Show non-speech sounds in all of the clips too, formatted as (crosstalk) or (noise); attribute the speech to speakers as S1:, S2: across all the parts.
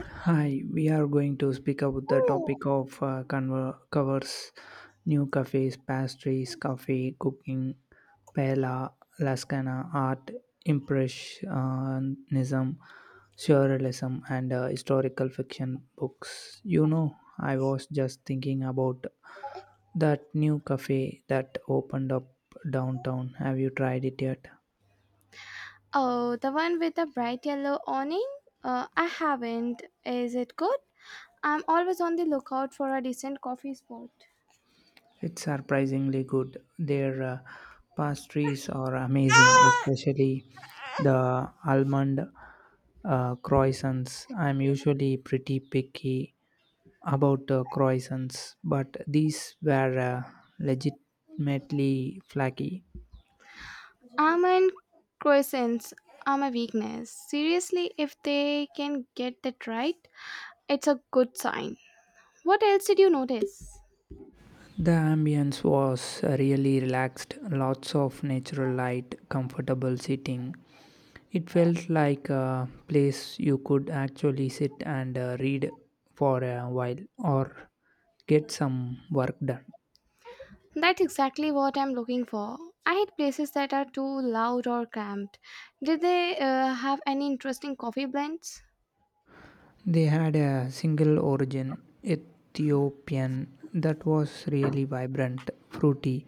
S1: Hi, we are going to speak about the topic of covers, new cafes, pastries, coffee, cooking, paella, lascana, art, impressionism, surrealism, and historical fiction books. You know, I was just thinking about that new cafe that opened up downtown. Have you tried it yet?
S2: Oh, the one with the bright yellow awning? I haven't. Is it good? I'm always on the lookout for a decent coffee spot.
S1: It's surprisingly good. Their pastries are amazing, especially the almond croissants. I'm usually pretty picky about croissants, but these were legitimately flaky.
S2: Almond croissants are my weakness. Seriously, if they can get that right, it's a good sign. What else did you notice?
S1: The ambience was really relaxed, lots of natural light, comfortable sitting. It felt like a place you could actually sit and read for a while or get some work done.
S2: That's exactly what I'm looking for. I hate places that are too loud or cramped. Did they have any interesting coffee blends?
S1: They had a single origin, Ethiopian, that was really vibrant, fruity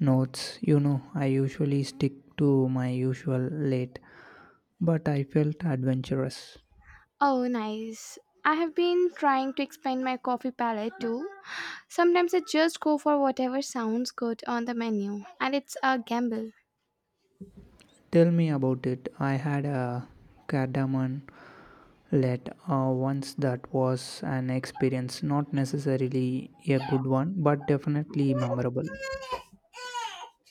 S1: notes. You know, I usually stick to my usual late, but I felt adventurous.
S2: Oh, nice. I have been trying to expand my coffee palette too. Sometimes I just go for whatever sounds good on the menu, and it's a gamble.
S1: Tell me about it. I had a cardamom let once that was an experience, not necessarily a good one, but definitely memorable.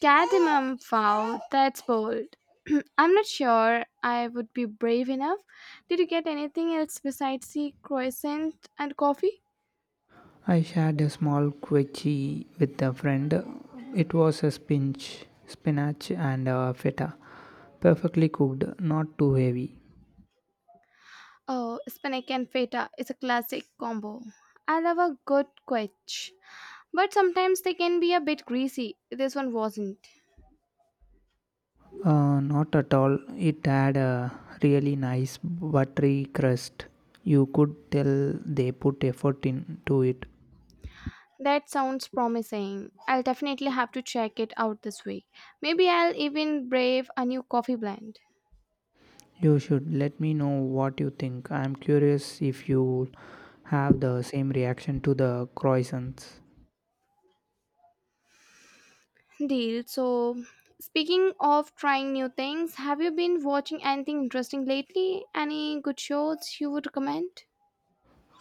S2: Cardamom, wow, that's bold. (clears throat) I'm not sure I would be brave enough. Did you get anything else besides the croissant and coffee?
S1: I shared a small quechi with a friend. It was a spinach and feta, perfectly cooked, not too heavy.
S2: Oh, spinach and feta is a classic combo. I love a good quiche, but sometimes they can be a bit greasy. This one wasn't.
S1: Not at all. It had a really nice buttery crust. You could tell they put effort into it.
S2: That sounds promising. I'll definitely have to check it out this week. Maybe I'll even brave a new coffee blend.
S1: You should let me know what you think. I am curious if you have the same reaction to the croissants.
S2: Deal. So, speaking of trying new things, have you been watching anything interesting lately? Any good shows you would recommend?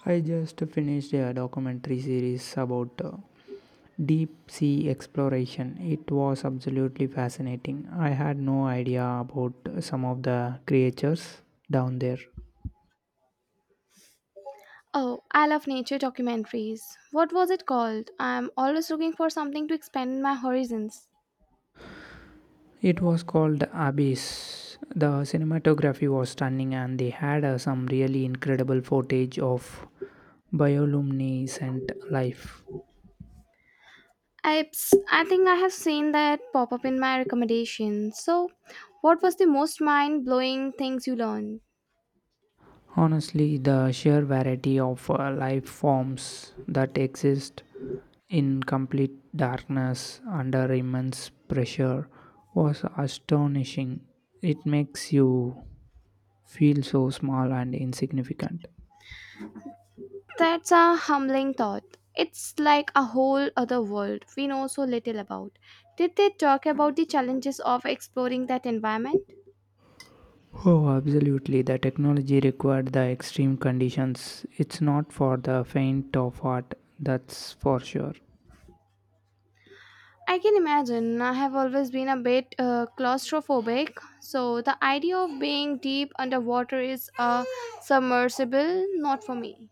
S1: I just finished a documentary series about deep sea exploration. It was absolutely fascinating. I had no idea about some of the creatures down there.
S2: Oh, I love nature documentaries. What was it called? I'm always looking for something to expand my horizons.
S1: It was called Abyss. The cinematography was stunning, and they had some really incredible footage of bioluminescent life.
S2: I, I think I have seen that pop up in my recommendations. So, what was the most mind blowing things you learned?
S1: Honestly, the sheer variety of life forms that exist in complete darkness under immense pressure was astonishing. It makes you feel so small and insignificant.
S2: That's a humbling thought. It's like a whole other world we know so little about. Did they talk about the challenges of exploring that environment?
S1: Oh, absolutely. The technology required, the extreme conditions. It's not for the faint of heart, that's for sure.
S2: I can imagine. I have always been a bit claustrophobic, so the idea of being deep underwater is submersible, not for me.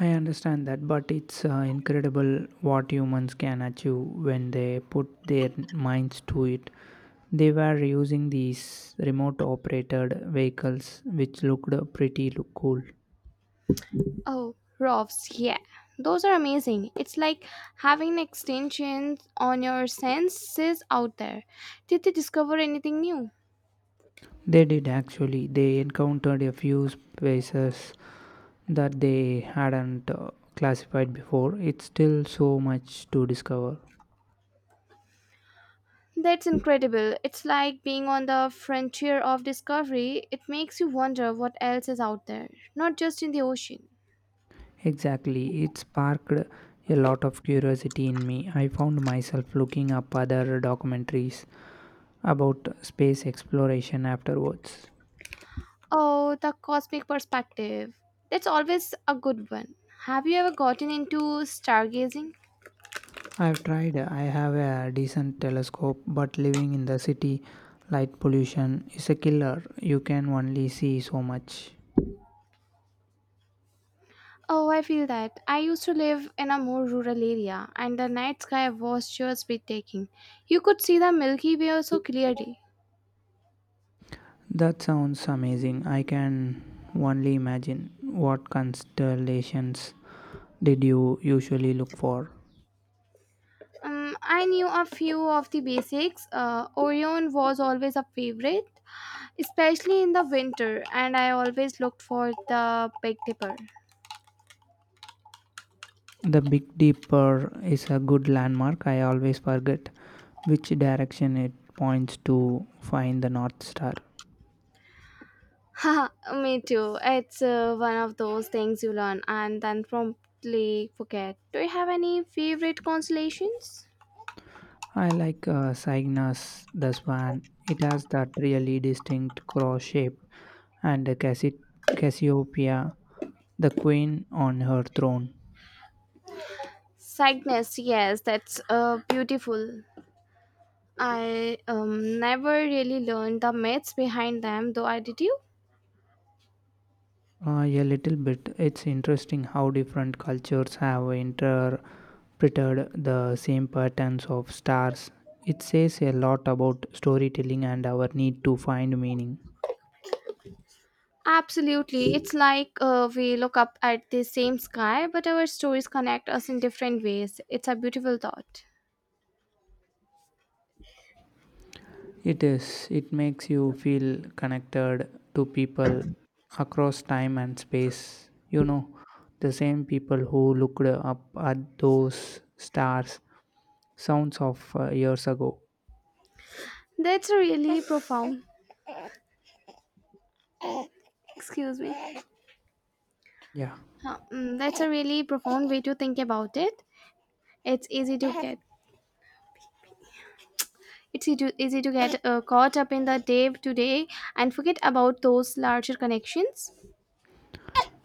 S1: I understand that, but it's incredible what humans can achieve when they put their minds to it. They were using these remote operated vehicles, which looked pretty cool.
S2: Oh, rofs, yeah. Those are amazing. It's like having an extension on your senses out there. Did they discover anything new?
S1: They did actually. They encountered a few spaces that they hadn't classified before. It's still so much to discover.
S2: That's incredible. It's like being on the frontier of discovery. It makes you wonder what else is out there, not just in the ocean.
S1: Exactly. It sparked a lot of curiosity in me. I found myself looking up other documentaries about space exploration afterwards.
S2: Oh, the cosmic perspective. That's always a good one. Have you ever gotten into stargazing?
S1: I've tried, I have a decent telescope, but living in the city, light pollution is a killer. You can only see so much.
S2: Oh, I feel that. I used to live in a more rural area, and the night sky was just breathtaking. You could see the Milky Way so clearly.
S1: That sounds amazing. I can only imagine. What constellations did you usually look for?
S2: I knew a few of the basics. Orion was always a favorite, especially in the winter, and I always looked for the Big Dipper.
S1: The Big Dipper is a good landmark. I always forget which direction it points to find the North Star.
S2: (laughs) Haha, me too. It's one of those things you learn and then promptly forget. Do you have any favorite constellations?
S1: I like Cygnus the swan. It has that really distinct cross shape, and the Cassiopeia, the queen on her throne.
S2: Cygnus, yes, that's beautiful. I never really learned the myths behind them, though I did you?
S1: A little bit. It's interesting how different cultures have interpreted the same patterns of stars. It says a lot about storytelling and our need to find meaning.
S2: Absolutely. It's like we look up at the same sky, but our stories connect us in different ways. It's a beautiful thought.
S1: It is. It makes you feel connected to people across time and space. You know, the same people who looked up at those stars sounds of years ago.
S2: That's a really profound. Excuse me.
S1: Yeah.
S2: That's a really profound way to think about it. It's easy to get. It's easy to get caught up in the day to day and forget about those larger connections.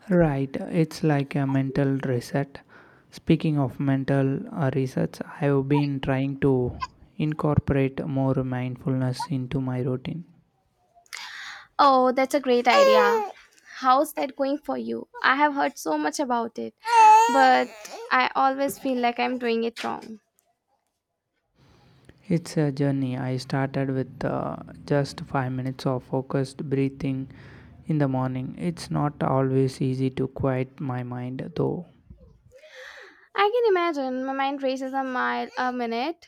S1: Right. It's like a mental reset. Speaking of mental research, I have been trying to incorporate more mindfulness into my routine.
S2: Oh, that's a great idea. How's that going for you? I have heard so much about it, but I always feel like I'm doing it wrong.
S1: It's a journey. I started with just 5 minutes of focused breathing in the morning. It's not always easy to quiet my mind, though.
S2: I can imagine my mind races a mile a minute.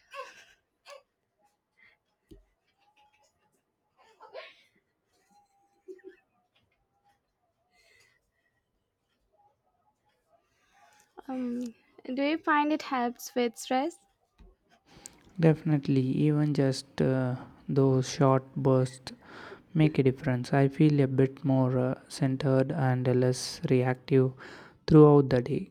S2: Um, do you find it helps with stress?
S1: Definitely, even just those short bursts make a difference. I feel a bit more centered and less reactive throughout the day.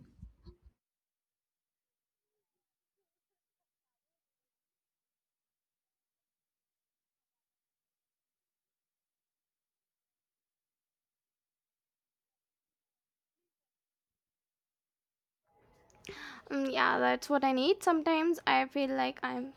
S2: Yeah, that's what I need. Sometimes I feel like I'm.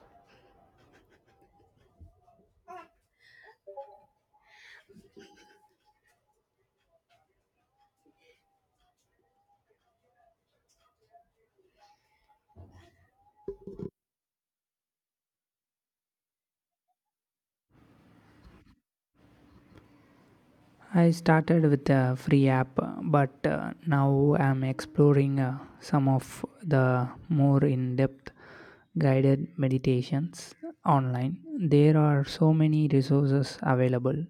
S1: I started with a free app, but now I'm exploring some of the more in depth guided meditations online. There are so many resources available.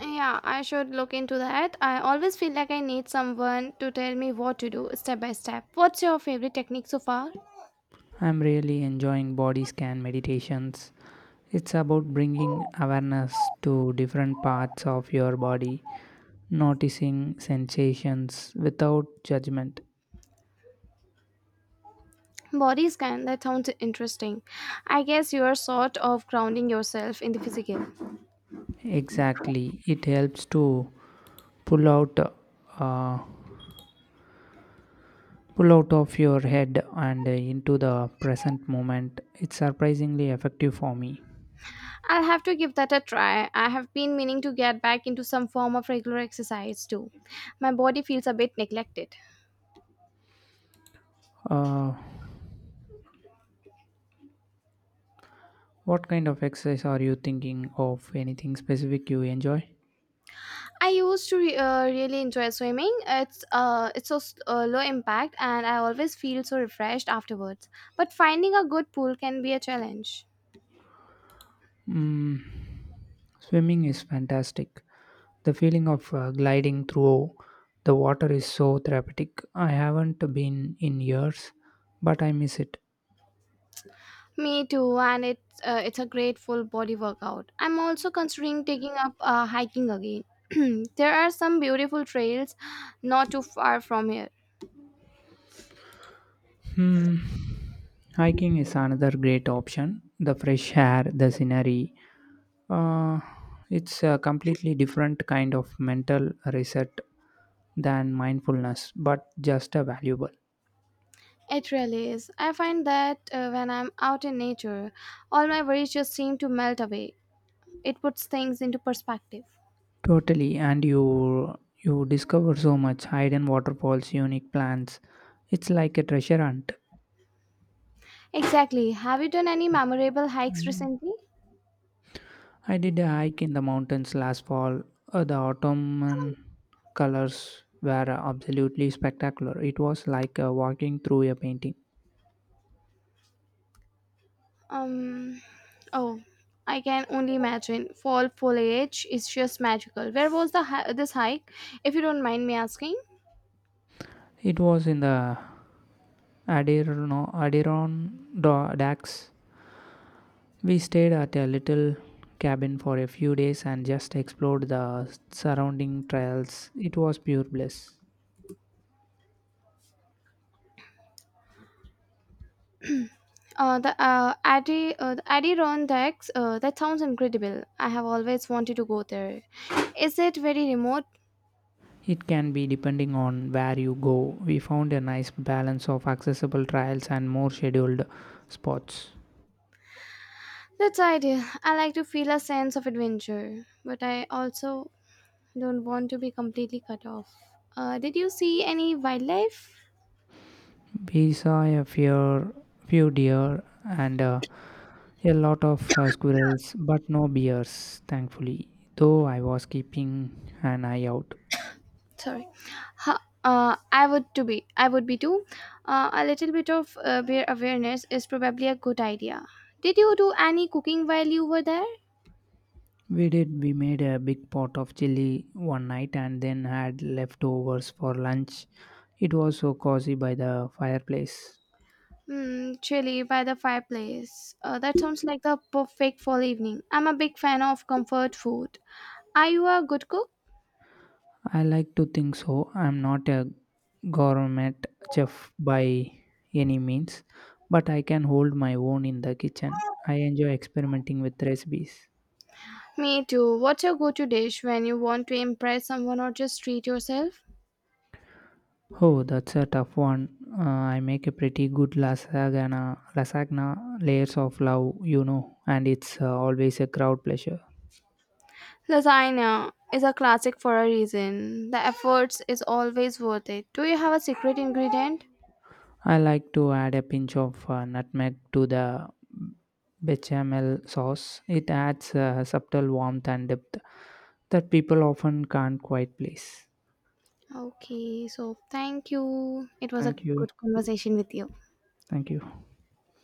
S2: Yeah, I should look into that. I always feel like I need someone to tell me what to do step by step. What's your favorite technique so far?
S1: I'm really enjoying body scan meditations. It's about bringing awareness to different parts of your body, noticing sensations without judgment.
S2: Body scan. That sounds interesting. I guess you're sort of grounding yourself in the physical.
S1: Exactly. It helps to pull out uh, pull out of your head and into the present moment. It's surprisingly effective for me.
S2: I'll have to give that a try. I have been meaning to get back into some form of regular exercise too. My body feels a bit neglected.
S1: Uh, what kind of exercise are you thinking of? Anything specific you enjoy?
S2: I really enjoy swimming. It's low impact, and I always feel so refreshed afterwards. But finding a good pool can be a challenge.
S1: Mm, swimming is fantastic. The feeling of gliding through the water is so therapeutic. I haven't been in years, but I miss it.
S2: Me too, and it's a great full body workout. I'm also considering taking up hiking again. (clears throat) There are some beautiful trails not too far from here.
S1: Hmm. Hiking is another great option. The fresh air, the scenery. Uh, it's a completely different kind of mental reset than mindfulness, but just a valuable.
S2: It really is. I find that when I'm out in nature, all my worries just seem to melt away. It puts things into perspective.
S1: Totally, and you discover so much, hidden waterfalls, unique plants. It's like a treasure hunt.
S2: Exactly. Have you done any memorable hikes
S1: Mm.
S2: recently?
S1: I did a hike in the mountains last fall. The autumn colors were absolutely spectacular. It was like walking through a painting.
S2: Um, oh, I can only imagine. Fall foliage is just magical. Where was the hi- this hike, if you don't mind me asking?
S1: It was in the Adirondacks. We stayed at a little cabin for a few days and just explored the surrounding trails. It was pure bliss.
S2: The Adirondacks. That sounds incredible. I have always wanted to go there. Is it very remote?
S1: It can be depending on where you go. We found a nice balance of accessible trails and more scheduled spots.
S2: That's ideal. I like to feel a sense of adventure, but I also don't want to be completely cut off. Did you see any wildlife?
S1: We saw few deer and a lot of squirrels, but no bears, thankfully, though I was keeping an eye out.
S2: Sorry, Ha I would to be. I would be too. A little bit of bear awareness is probably a good idea. Did you do any cooking while you were there?
S1: We did. We made a big pot of chili one night and then had leftovers for lunch. It was so cozy by the fireplace.
S2: Hmm, chili by the fireplace. That sounds like the perfect fall evening. I'm a big fan of comfort food. Are you a good cook?
S1: I like to think so. I'm not a gourmet chef by any means, but I can hold my own in the kitchen. I enjoy experimenting with recipes.
S2: Me too. What's your go to dish when you want to impress someone or just treat yourself?
S1: Oh, that's a tough one. I make a pretty good lasagna, layers of love, you know, and it's always a crowd pleasure.
S2: Lasagna is a classic for a reason. The efforts is always worth it. Do you have a secret ingredient?
S1: I like to add a pinch of nutmeg to the bechamel sauce. It adds a subtle warmth and depth that people often can't quite place.
S2: Okay, so thank you. It was a
S1: Thank you.
S2: good conversation with you.
S1: Thank you.